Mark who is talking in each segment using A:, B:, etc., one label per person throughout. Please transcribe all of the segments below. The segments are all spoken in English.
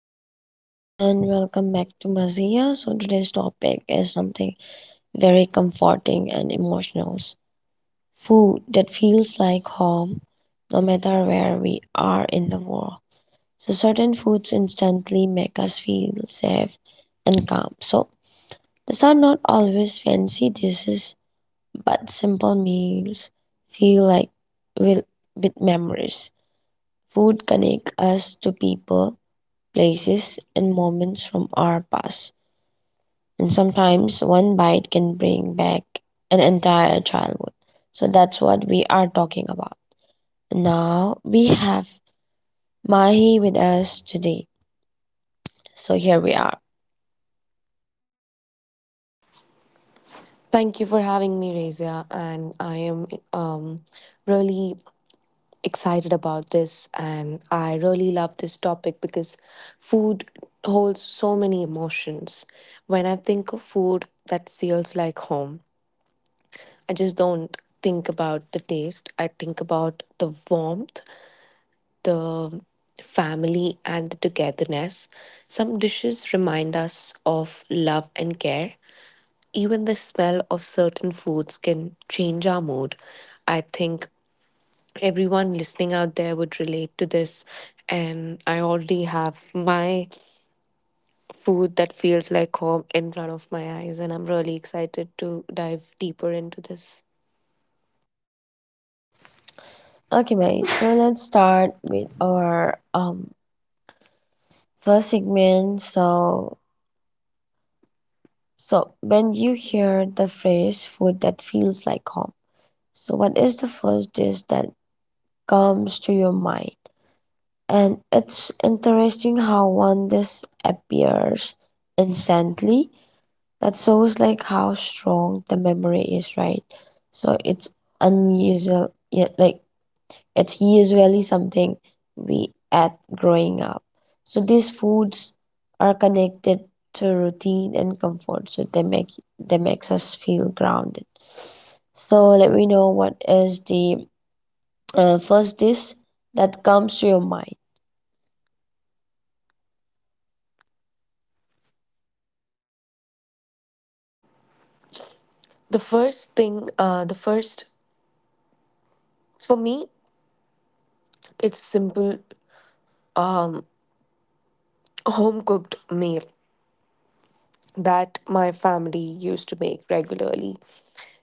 A: everyone and welcome back to Mazia. So today's topic is something very comforting and emotional. Food that feels like home no matter where we are in the world. So certain foods instantly make us feel safe and calm. So these are not always fancy dishes but simple meals feel like with, with memories. Food connect us to people places, and moments from our past. And sometimes one bite can bring back an entire childhood. So that's what we are talking about. Now we have Mahi with us today. So here we are.
B: Thank you for having me, Razia, and I am um, really excited about this, and I really love this topic because food holds so many emotions. When I think of food that feels like home, I just don't think about the taste. I think about the warmth, the family, and the togetherness. Some dishes remind us of love and care, even the smell of certain foods can change our mood. I think everyone listening out there would relate to this. And I already have my food that feels like home in front of my eyes. And I'm really excited to dive deeper into this.
A: Okay, Mahi. So let's start with our first segment. So when you hear the phrase food that feels like home, so what is the first dish that comes to your mind? And it's interesting how one disappears instantly. That shows like how strong the memory is, right? So it's unusual, yeah, like it's usually something we add growing up. So these foods are connected to routine and comfort, so they makes us feel grounded. So let me know what is the first dish that comes to your mind.
B: The first thing, the first, For me, it's simple home cooked meal that my family used to make regularly.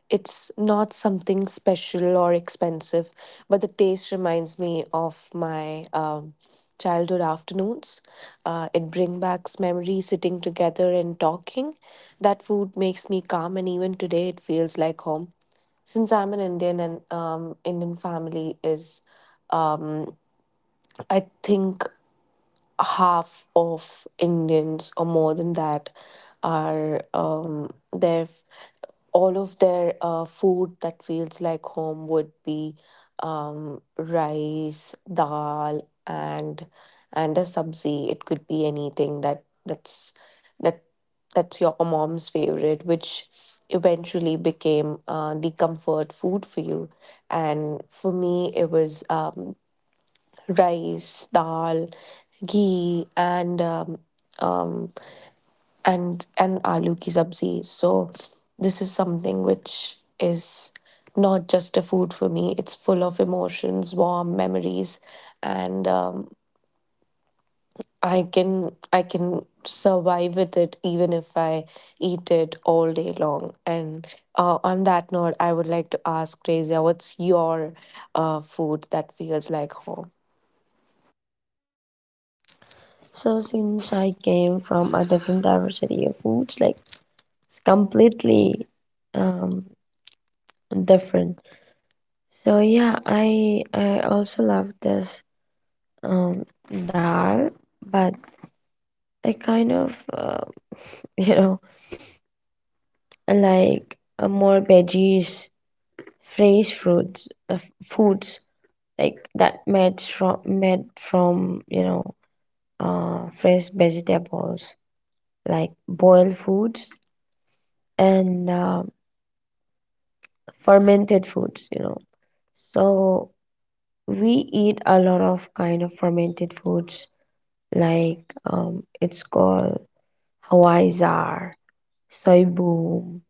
B: It's not something special or expensive, but the taste reminds me of my childhood afternoons. It brings back memories sitting together and talking. That food makes me calm, and even today it feels like home. Since I'm an Indian and Indian family is, um, I think half of Indians or more than that are their all of their food that feels like home would be rice, dal, and a sabzi. It could be anything that that's your mom's favorite, which eventually became the comfort food for you. And for me, it was rice, dal, ghee, um, and aloo ki sabzi. So this is something which is not just a food for me. It's full of emotions, warm memories, and I can survive with it even if I eat it all day long. And on that note, I would like to ask Razia, what's your food that feels like home?
A: So since I came from a different diversity of foods, like it's completely um different. So yeah, I also love this um dal, but I kind of you know like more veggies, fresh fruits, foods like that made from you know fresh vegetables like boiled foods and. Fermented foods, you know. So we eat a lot of kind of fermented foods like it's called hawaii zar soy boom,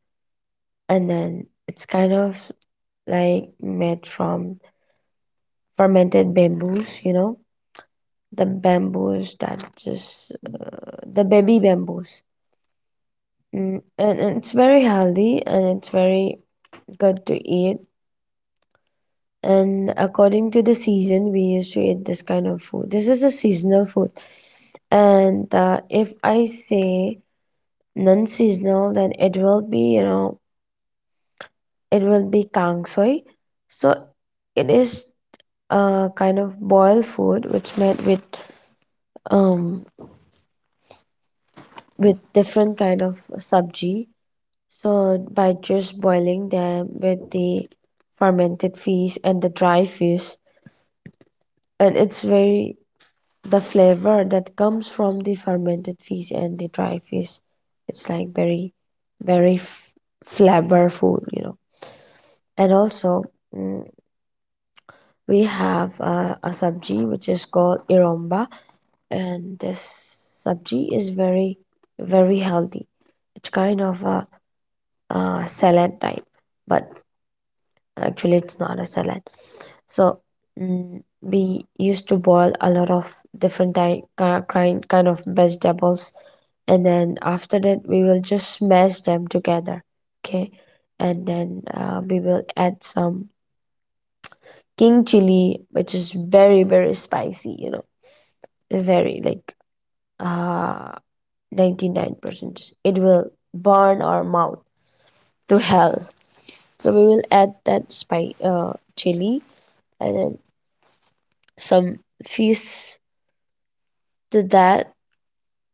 A: and then it's kind of like made from fermented bamboos, you know, the bamboos that just the baby bamboos. And it's very healthy and it's very good to eat, and according to the season we used to eat this kind of food. This is a seasonal food. And if I say non-seasonal, then it will be, you know, it will be kang soy. So it is a kind of boiled food which made um with different kind of sabji. So by just boiling them with the fermented fish and the dry fish, and it's very, the flavor that comes from the fermented fish and the dry fish, it's like very very f- flavorful, you know. And also, mm, we have a sabji which is called iromba, and this sabji is very very healthy. It's kind of a, uh, salad type, but actually it's not a salad. So, we used to boil a lot of different kind of vegetables, and then after that we will just smash them together. Okay, and then we will add some king chili, which is very very spicy. You know, very like uh 99%. It will burn our mouth to hell. So we will add that spice, uh, chili, and then some fees to that.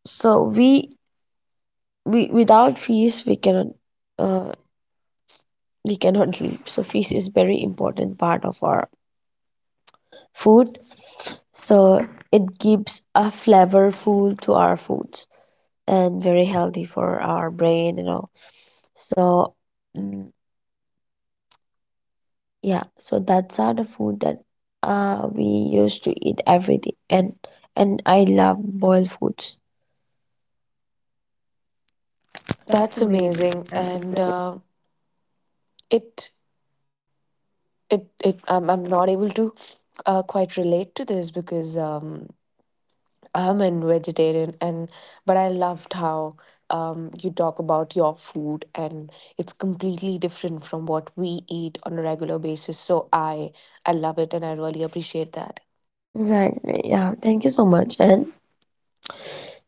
A: So we without fees we cannot, uh, we cannot live. So fees is very important part of our food. So it gives a flavorful to our foods and very healthy for our brain and all. So, mm, yeah, so that's are the food that we used to eat every day, and I love boiled foods. That's
B: That's
A: amazing.
B: amazing.
A: And
B: And It it it I'm not able to quite relate to this because I'm a vegetarian, and but I loved how you talk about your food, and it's completely different from what we eat on a regular basis. So I love it and I really appreciate that.
A: exactly. Yeah. Thank you so much. And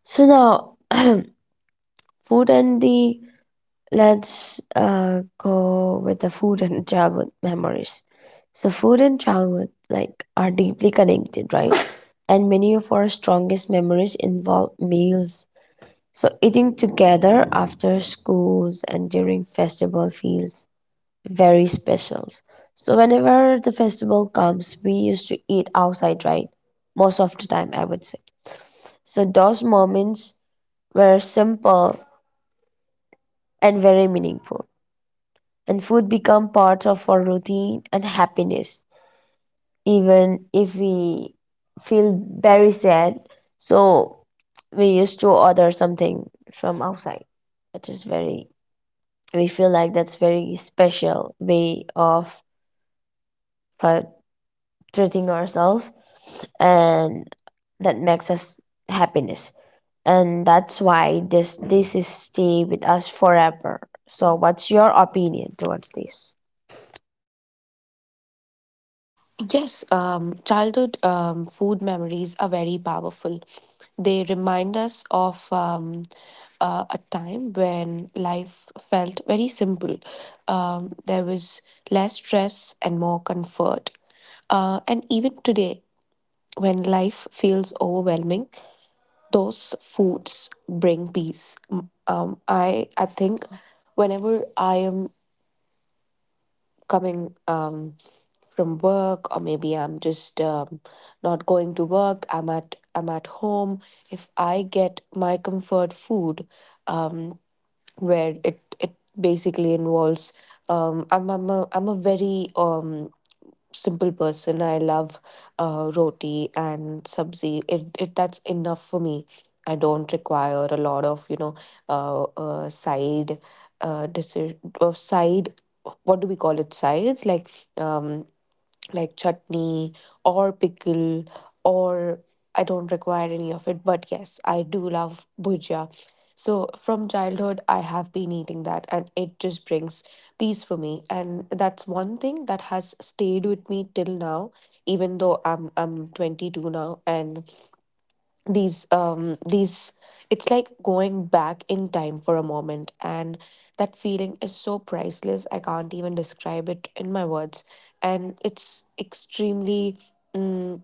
A: so now, food and the, let's go with the food and childhood memories. So food and childhood like are deeply connected, right? And many of our strongest memories involve meals. So eating together after schools and during festival feels very specials. So whenever the festival comes, we used to eat outside, right? Most of the time, I would say. So those moments were simple and very meaningful, and food become part of our routine and happiness, even if we feel very sad. So we used to order something from outside, which is very, we feel like that's very special way of uh, treating ourselves, and that makes us happiness, and that's why this is stay with us forever. So what's your opinion towards this?
B: Yes, childhood food memories are very powerful. They remind us of a time when life felt very simple. There was less stress and more comfort. And even today, when life feels overwhelming, those foods bring peace. I think whenever I am coming from work, or maybe I'm just not going to work, I'm at home. If I get my comfort food, um, where it basically involves I'm a very simple person. I love roti and sabzi. It, that's enough for me. I don't require a lot of, you know, side decision or side. What do we call it? Sides um like chutney or pickle or— I don't require any of it, but yes, I do love bhujia. So from childhood I have been eating that, and it just brings peace for me, and that's one thing that has stayed with me till now, even though I'm 22 now. And these, it's like going back in time for a moment, and that feeling is so priceless, I can't even describe it in my words. And it's mm,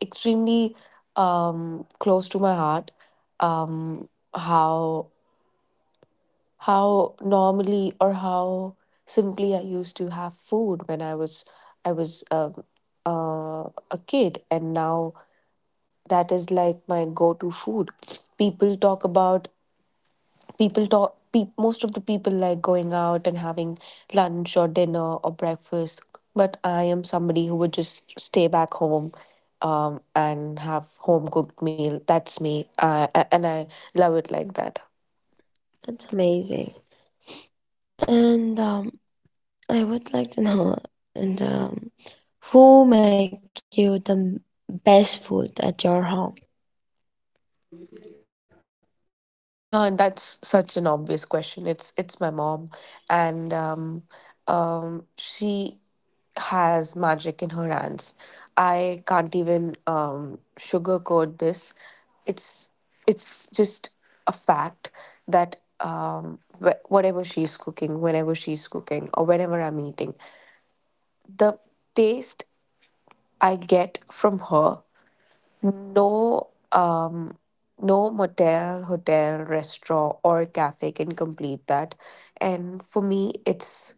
B: extremely close to my heart. Um how how normally, or how simply I used to have food when I was a kid, and now that is like my go to food. People talk about people talk pe- most of the people like going out and having lunch or dinner or breakfast, but I am somebody who would just stay back home, and have home cooked meal. That's me, and I love it like that.
A: That's amazing. And I would like to know, and who make you best food at your home?
B: That's such an obvious question. It's my mom, and she has magic in her hands. I can't even sugarcoat this. It's it's just a fact that whatever she's cooking, whenever she's cooking, or whenever I'm eating, the taste I get from her, no, um, no motel, hotel, restaurant, or cafe can complete that. And for me, it's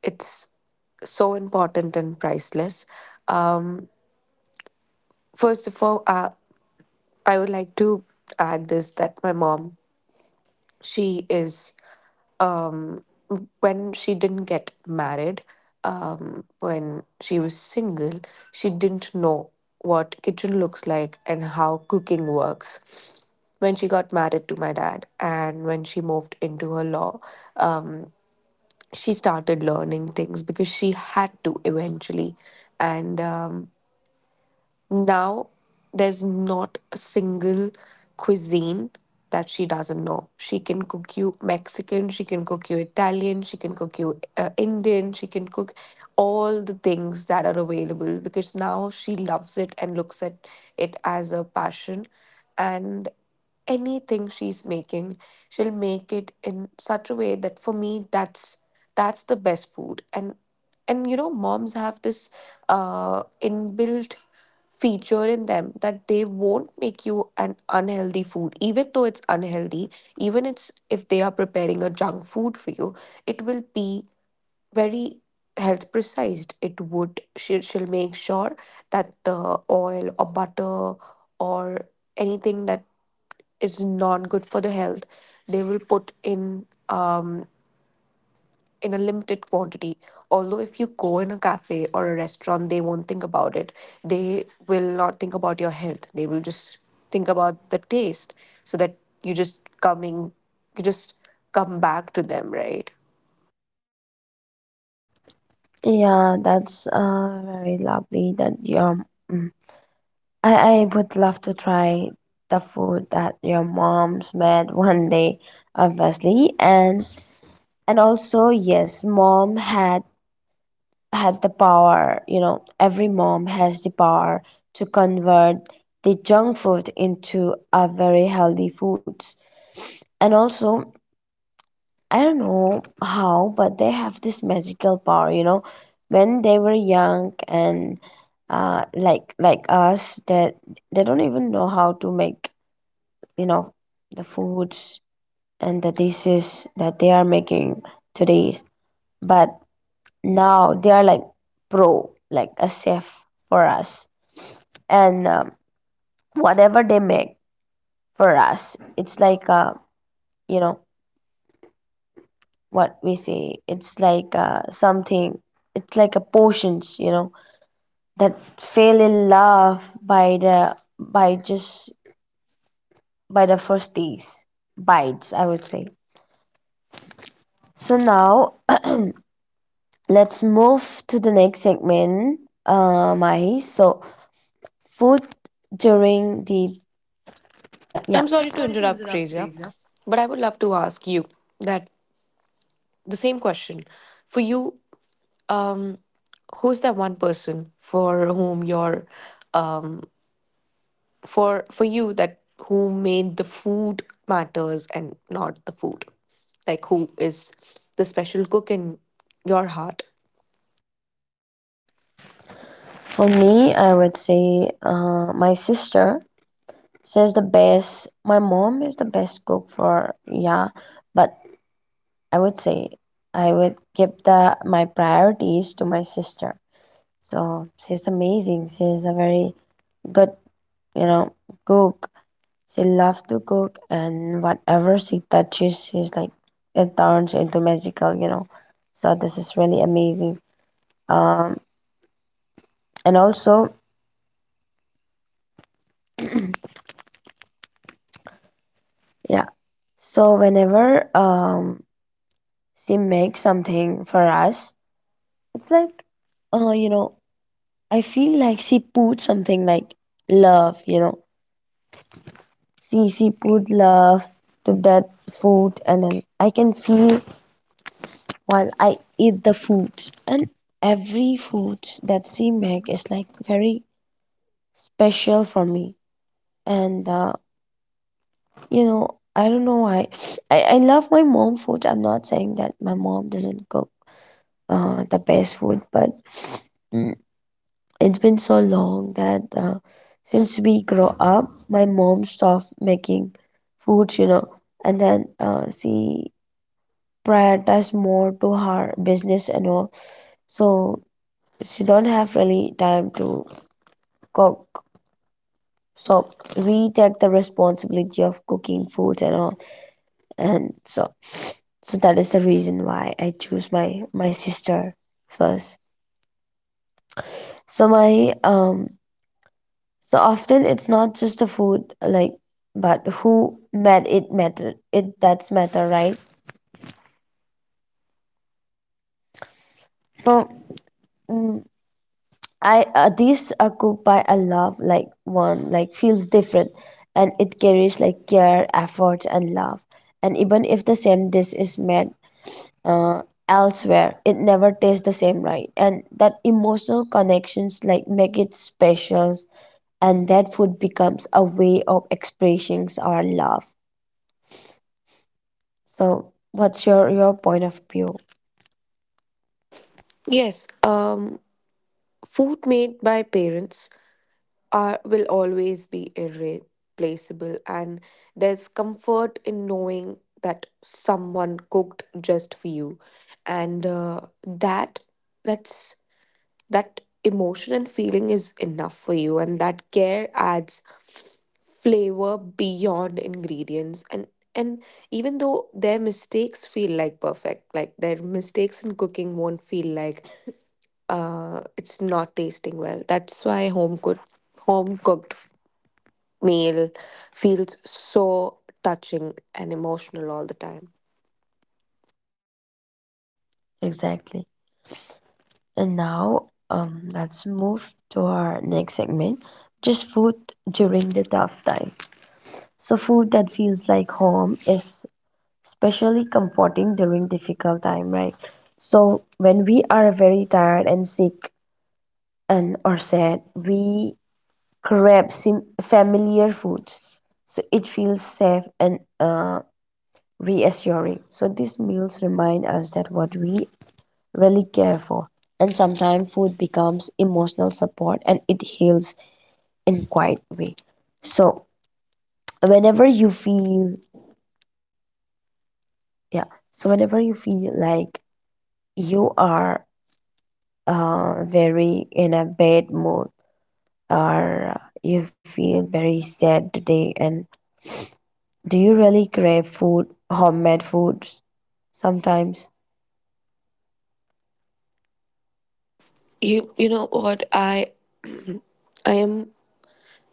B: it's so important and priceless. Um, First of all, I would like to add this that my mom, she is um, when she didn't get married, when she was single, she didn't know what kitchen looks like and how cooking works. When she got married to my dad and when she moved into her law, um, she started learning things because she had to eventually. And now, there's not a single cuisine that she doesn't know. She can cook you Mexican, she can cook you Italian, she can cook you Indian, she can cook all the things that are available because now she loves it and looks at it as a passion. And anything she's making, she'll make it in such a way that for me, that's the best food. And you know, moms have this inbuilt feature in them that they won't make you an unhealthy food, even though it's unhealthy. Even it's if they are preparing a junk food for you, it will be very health precised. It would— she, she'll make sure that the oil or butter or anything that is not good for the health, they will put in a limited quantity. Although, if you go in a cafe or a restaurant, they won't think about it. They will not think about your health. They will just think about the taste so that you just coming, you just come back to them, right?
A: Yeah, that's uh, very lovely that your, mm, I would love to try the food that your mom's made one day, obviously. And also, yes, mom had had the power, you know, every mom has the power to convert the junk food into a very healthy foods. And also, I don't know how, but they have this magical power, you know. When they were young and like us, that they don't even know how to make, you know, the foods and the dishes that they are making today, but now they are like pro, like a chef for us. And whatever they make for us, it's like, you know, what we say, it's like, something, it's like a potions, you know, that fell in love by the, by just by the first days bites, I would say. So now let's move to the next segment, Mahi. So, food during the,
B: Yeah.
A: yeah,
B: I'm sorry to interrupt, Razia, but I would love to ask you that the same question for you. Um, Who's that one person for whom your, for you, that who made the food matters and not the food, like who is the special cook in your heart?
A: for me, I would say my sister says the best. My mom is the best cook for, yeah, but I would say I would give the my priorities to my sister. So she's amazing. She's a very good, you know, cook. She loves to cook, and whatever she touches, she's like, it turns into magical, you know. So this is really amazing. Um, and also, yeah. So whenever she makes something for us, it's like, you know, I feel like she put something like love, you know. She put love to that food, and then I can feel while I eat the foods, and every food that she make is like very special for me. And you know, I don't know why I love my mom food. I'm not saying that my mom doesn't cook the best food, but mm, it's been so long that, since we grow up, my mom stopped making foods, you know. And then she prioritized more to her business and all. So she don't have really time to cook. So we take the responsibility of cooking food and all. And so that is the reason why I choose my sister first. So my, so often it's not just the food like, but who made it matter it, that's matter, right? So, mm, I, these are cooked by a love like one, like feels different, and it carries like care, effort and love. And even if the same dish is made uh, elsewhere, it never tastes the same, right. And that emotional connections like make it special, and that food becomes a way of expressing our love. So what's your point of view?
B: Yes, food made by parents are— will always be irreplaceable, and there's comfort in knowing that someone cooked just for you. And that's that emotion and feeling is enough for you, and that care adds flavor beyond ingredients. And even though their mistakes feel like perfect, like their mistakes in cooking won't feel like it's not tasting well. That's why home cooked meal feels so touching and emotional all the time.
A: Exactly. And now, let's move to our next segment, just food during the tough time. So, food that feels like home is especially comforting during difficult time, right? So, when we are very tired and sick and or sad, we familiar food, so it feels safe and reassuring. So, these meals remind us that what we really care for. And sometimes food becomes emotional support, and it heals in quiet way. So whenever you feel, yeah, so whenever you feel like you are, very in a bad mood, or you feel very sad today, and do you really crave food, homemade foods sometimes?
B: You know what, I am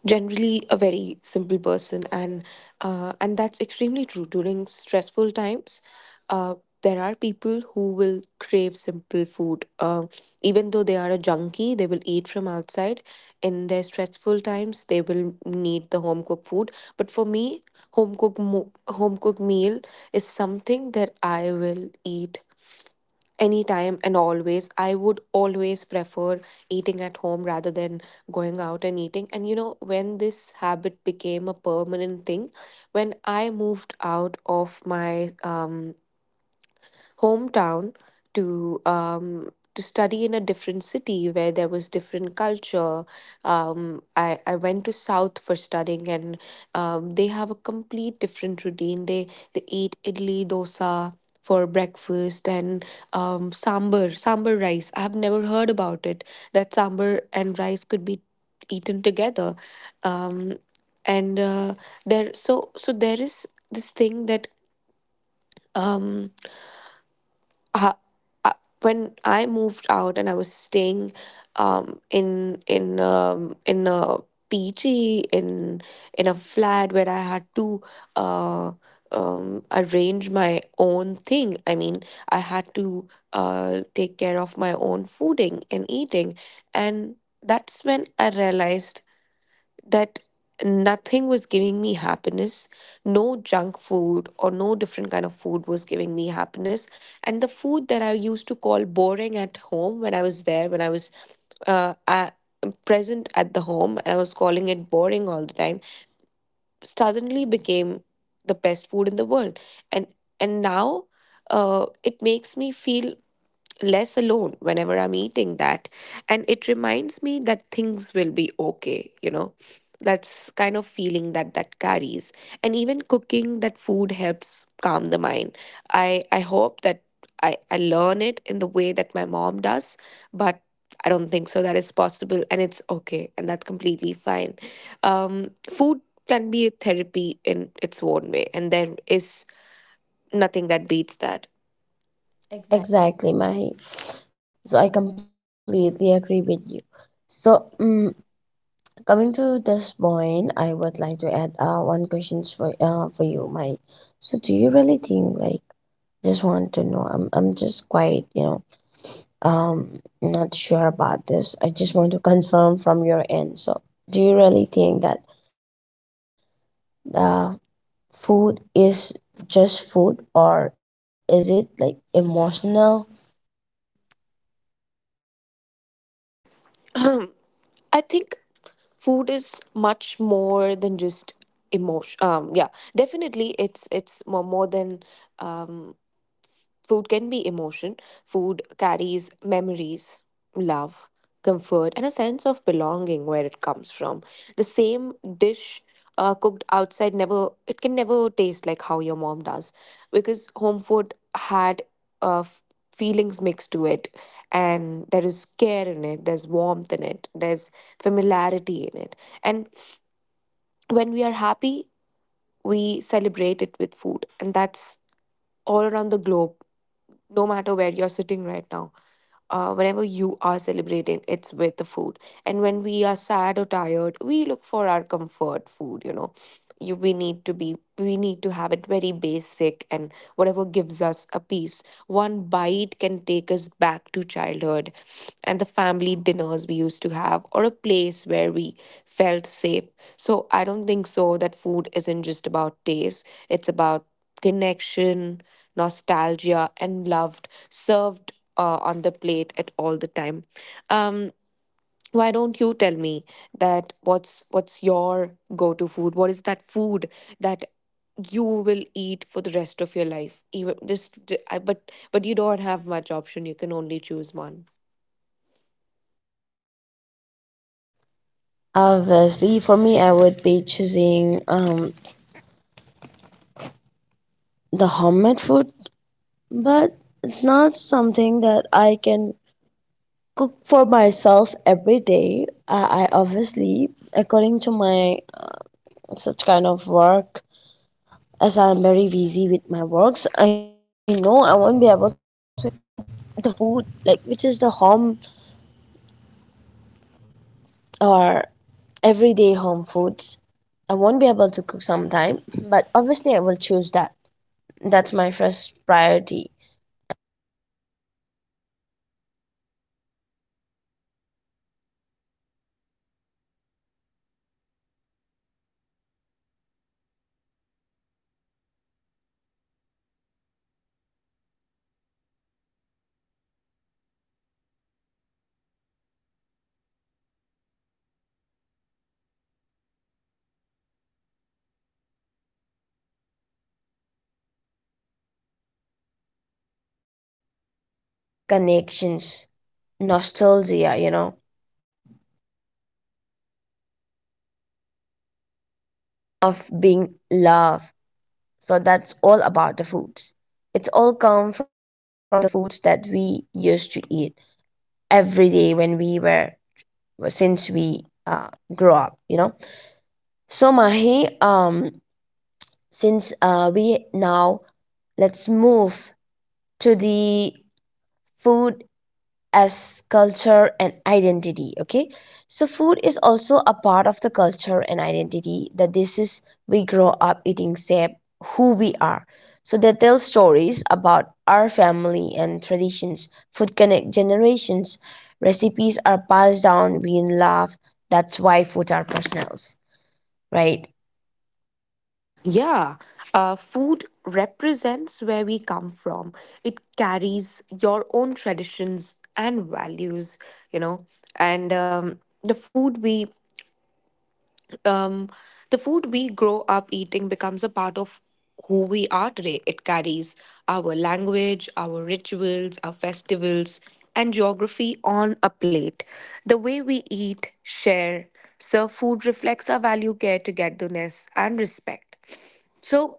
B: generally a very simple person. And and that's extremely true during stressful times. uh, there are people who will crave simple food. Even though they are a junkie, they will eat from outside. In their stressful times, they will need the home cooked food. But for me, home cooked meal is something that I will eat anytime, and always I would always prefer eating at home rather than going out and eating. And you know, when this habit became a permanent thing, when I moved out of my hometown to um to study in a different city where there was different culture, um I went to south for studying. And they have a complete different routine. They eat idli dosa for breakfast, and sambar rice— I have never heard about it, that sambar and rice could be eaten together. Um and uh, there so so there is this thing that um uh, uh, when I moved out and I was staying in a PG, in a flat where I had to uh, arrange my own thing. I mean, I had to take care of my own fooding and eating, and that's when I realized that nothing was giving me happiness. No junk food or no different kind of food was giving me happiness. And the food that I used to call boring at home, when I was there, when I was uh, at, present at the home, and I was calling it boring all the time, suddenly became the best food in the world. and and now, it makes me feel less alone whenever I'm eating that. And it reminds me that things will be okay, you know. That's kind of feeling that that carries. And even cooking that food helps calm the mind. I hope that I learn it in the way that my mom does, but I don't think so. That is possible, and it's okay. And that's completely fine. Food can be a therapy in its own way. And there is nothing that beats that.
A: Exactly, Mahi. So I completely agree with you. So, coming to this point, I would like to add one questions for you, my. So do you really think like, just want to know? I'm just quite, you know, not sure about this. I just want to confirm from your end. So do you really think that uh food is just food, or is it like emotional?
B: Um, I think food is much more than just emotion. Yeah, definitely, it's more than um food can be emotion. Food carries memories, love, comfort, and a sense of belonging where it comes from. The same dish cooked outside never it can never taste like how your mom does because home food had uh, f- feelings mixed to it, and there is care in it, there's warmth in it, there's familiarity in it. And when we are happy, we celebrate it with food, and that's all around the globe. No matter where you're sitting right now, whenever you are celebrating, it's with the food. And when we are sad or tired, we look for our comfort food. You know. We need to have it very basic, and whatever gives us a peace, one bite can take us back to childhood and the family dinners we used to have, or a place where we felt safe. So I don't think so that food isn't just about taste, it's about connection, nostalgia, and loved served on the plate at all the time. Um, why don't you tell me that what's your go-to food? What is that food that you will eat for the rest of your life? Even just, j- I- but you don't have much option. You can only choose one.
A: Obviously, for me, I would be choosing the homemade food, but it's not something that I can cook for myself every day. I obviously, according to my such kind of work, as I'm very busy with my works, I know I won't be able to eat the food like which is the home or everyday home foods. I won't be able to cook sometime, but obviously I will choose that. That's my first priority. Connections, nostalgia, you know, of being loved. So that's all about the foods. It's all come from the foods that we used to eat every day when we were, since we, uh, grew up, you know. So Mahi, since we now, let's move to the food as culture and identity. Okay, so food is also a part of the culture and identity, that this is we grow up eating shape who we are. So they tell stories about our family and traditions. Food connect generations. Recipes are passed down we love. That's why food are personals, right?
B: Yeah, food represents where we come from. It carries your own traditions and values, you know. And um, the food we grow up eating becomes a part of who we are today. It carries our language, our rituals, our festivals, and geography on a plate. The way we eat, share, serve food reflects our value, care, togetherness, and respect. So,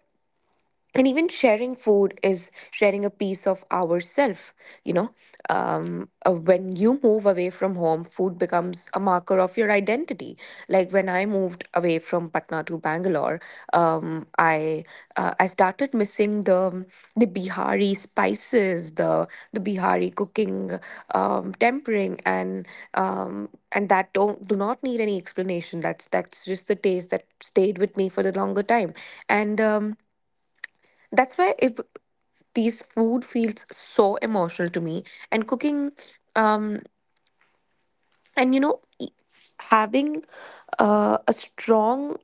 B: and even sharing food is sharing a piece of ourself, you know. When you move away from home, food becomes a marker of your identity. Like when I moved away from Patna to Bangalore, um, i I started missing the Bihari spices, the Bihari cooking, tempering. And And that don't do not need any explanation. That's just the taste that stayed with me for the longer time. And That's why if these food feels so emotional to me. And cooking, um and you know e- having a strong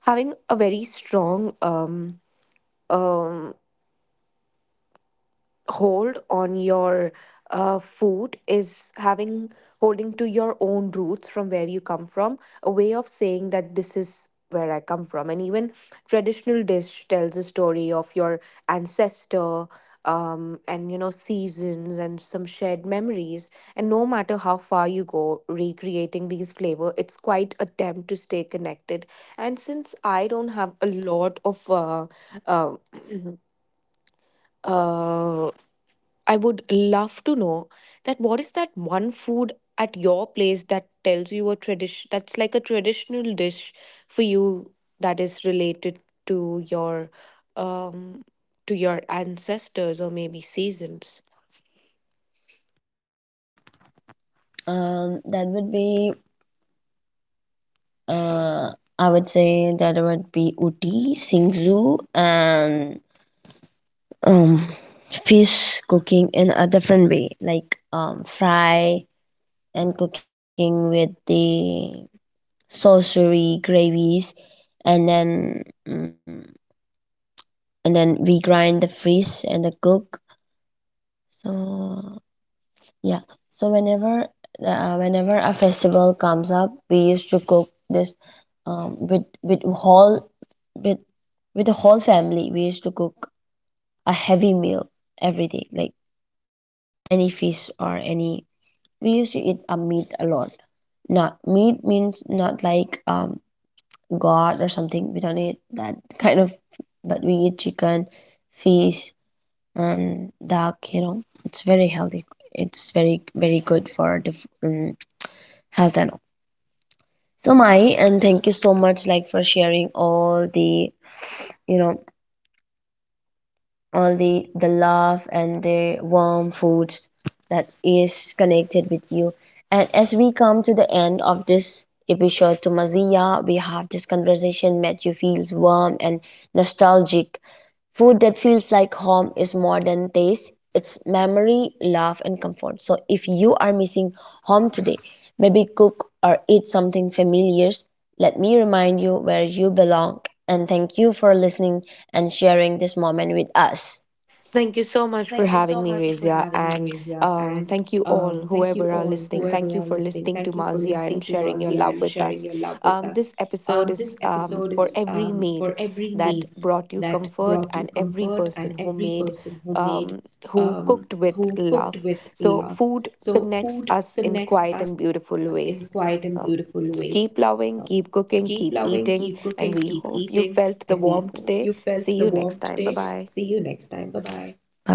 B: having a very strong hold on your food is having holding to your own roots, from where you come from. A way of saying that this is where I come from. And even traditional dish tells a story of your ancestor, and you know, seasons and some shared memories. And no matter how far you go, recreating these flavor it's quite attempt to stay connected. And since I don't have a lot of uh, uh, I would love to know that what is that one food at your place that tells you a tradition, that's like a traditional dish for you, that is related to your um to your ancestors, or maybe seasons.
A: that would be, uh I would say that would be uti singzu, and um fish cooking in a different way, like fry and cooking with the saucery gravies. And then, and then we grind the fish and the cook. So yeah, so whenever whenever a festival comes up, we used to cook this with whole, with with the whole family, we used to cook a heavy meal every day, like any fish or any, we used to eat a meat a lot. Not meat means not like god or something, we don't eat that kind of, but we eat chicken, fish, and duck, you know. It's very healthy, it's very very good for the health and all. So, my, and thank you so much like for sharing all the, you know, all the love and the warm foods that is connected with you. And as we come to the end of this episode to Mazia, we have this conversation that you feels warm and nostalgic. Food that feels like home is more than taste, it's memory, love and comfort. So if you are missing home today, maybe cook or eat something familiar. Let me remind you where you belong, and thank you for listening and sharing this moment with us.
B: Thank you so much for having me, Razia. And thank you all, whoever are listening. Thank you for listening to Mazia and sharing your love with us. This episode is for every meal that brought you comfort and every person who made, um, who cooked with love. So, food connects us in quiet and beautiful ways. Um, so keep loving, keep cooking, keep eating. And we hope you felt the warmth today. See you next time. Bye bye.
A: Bye bye.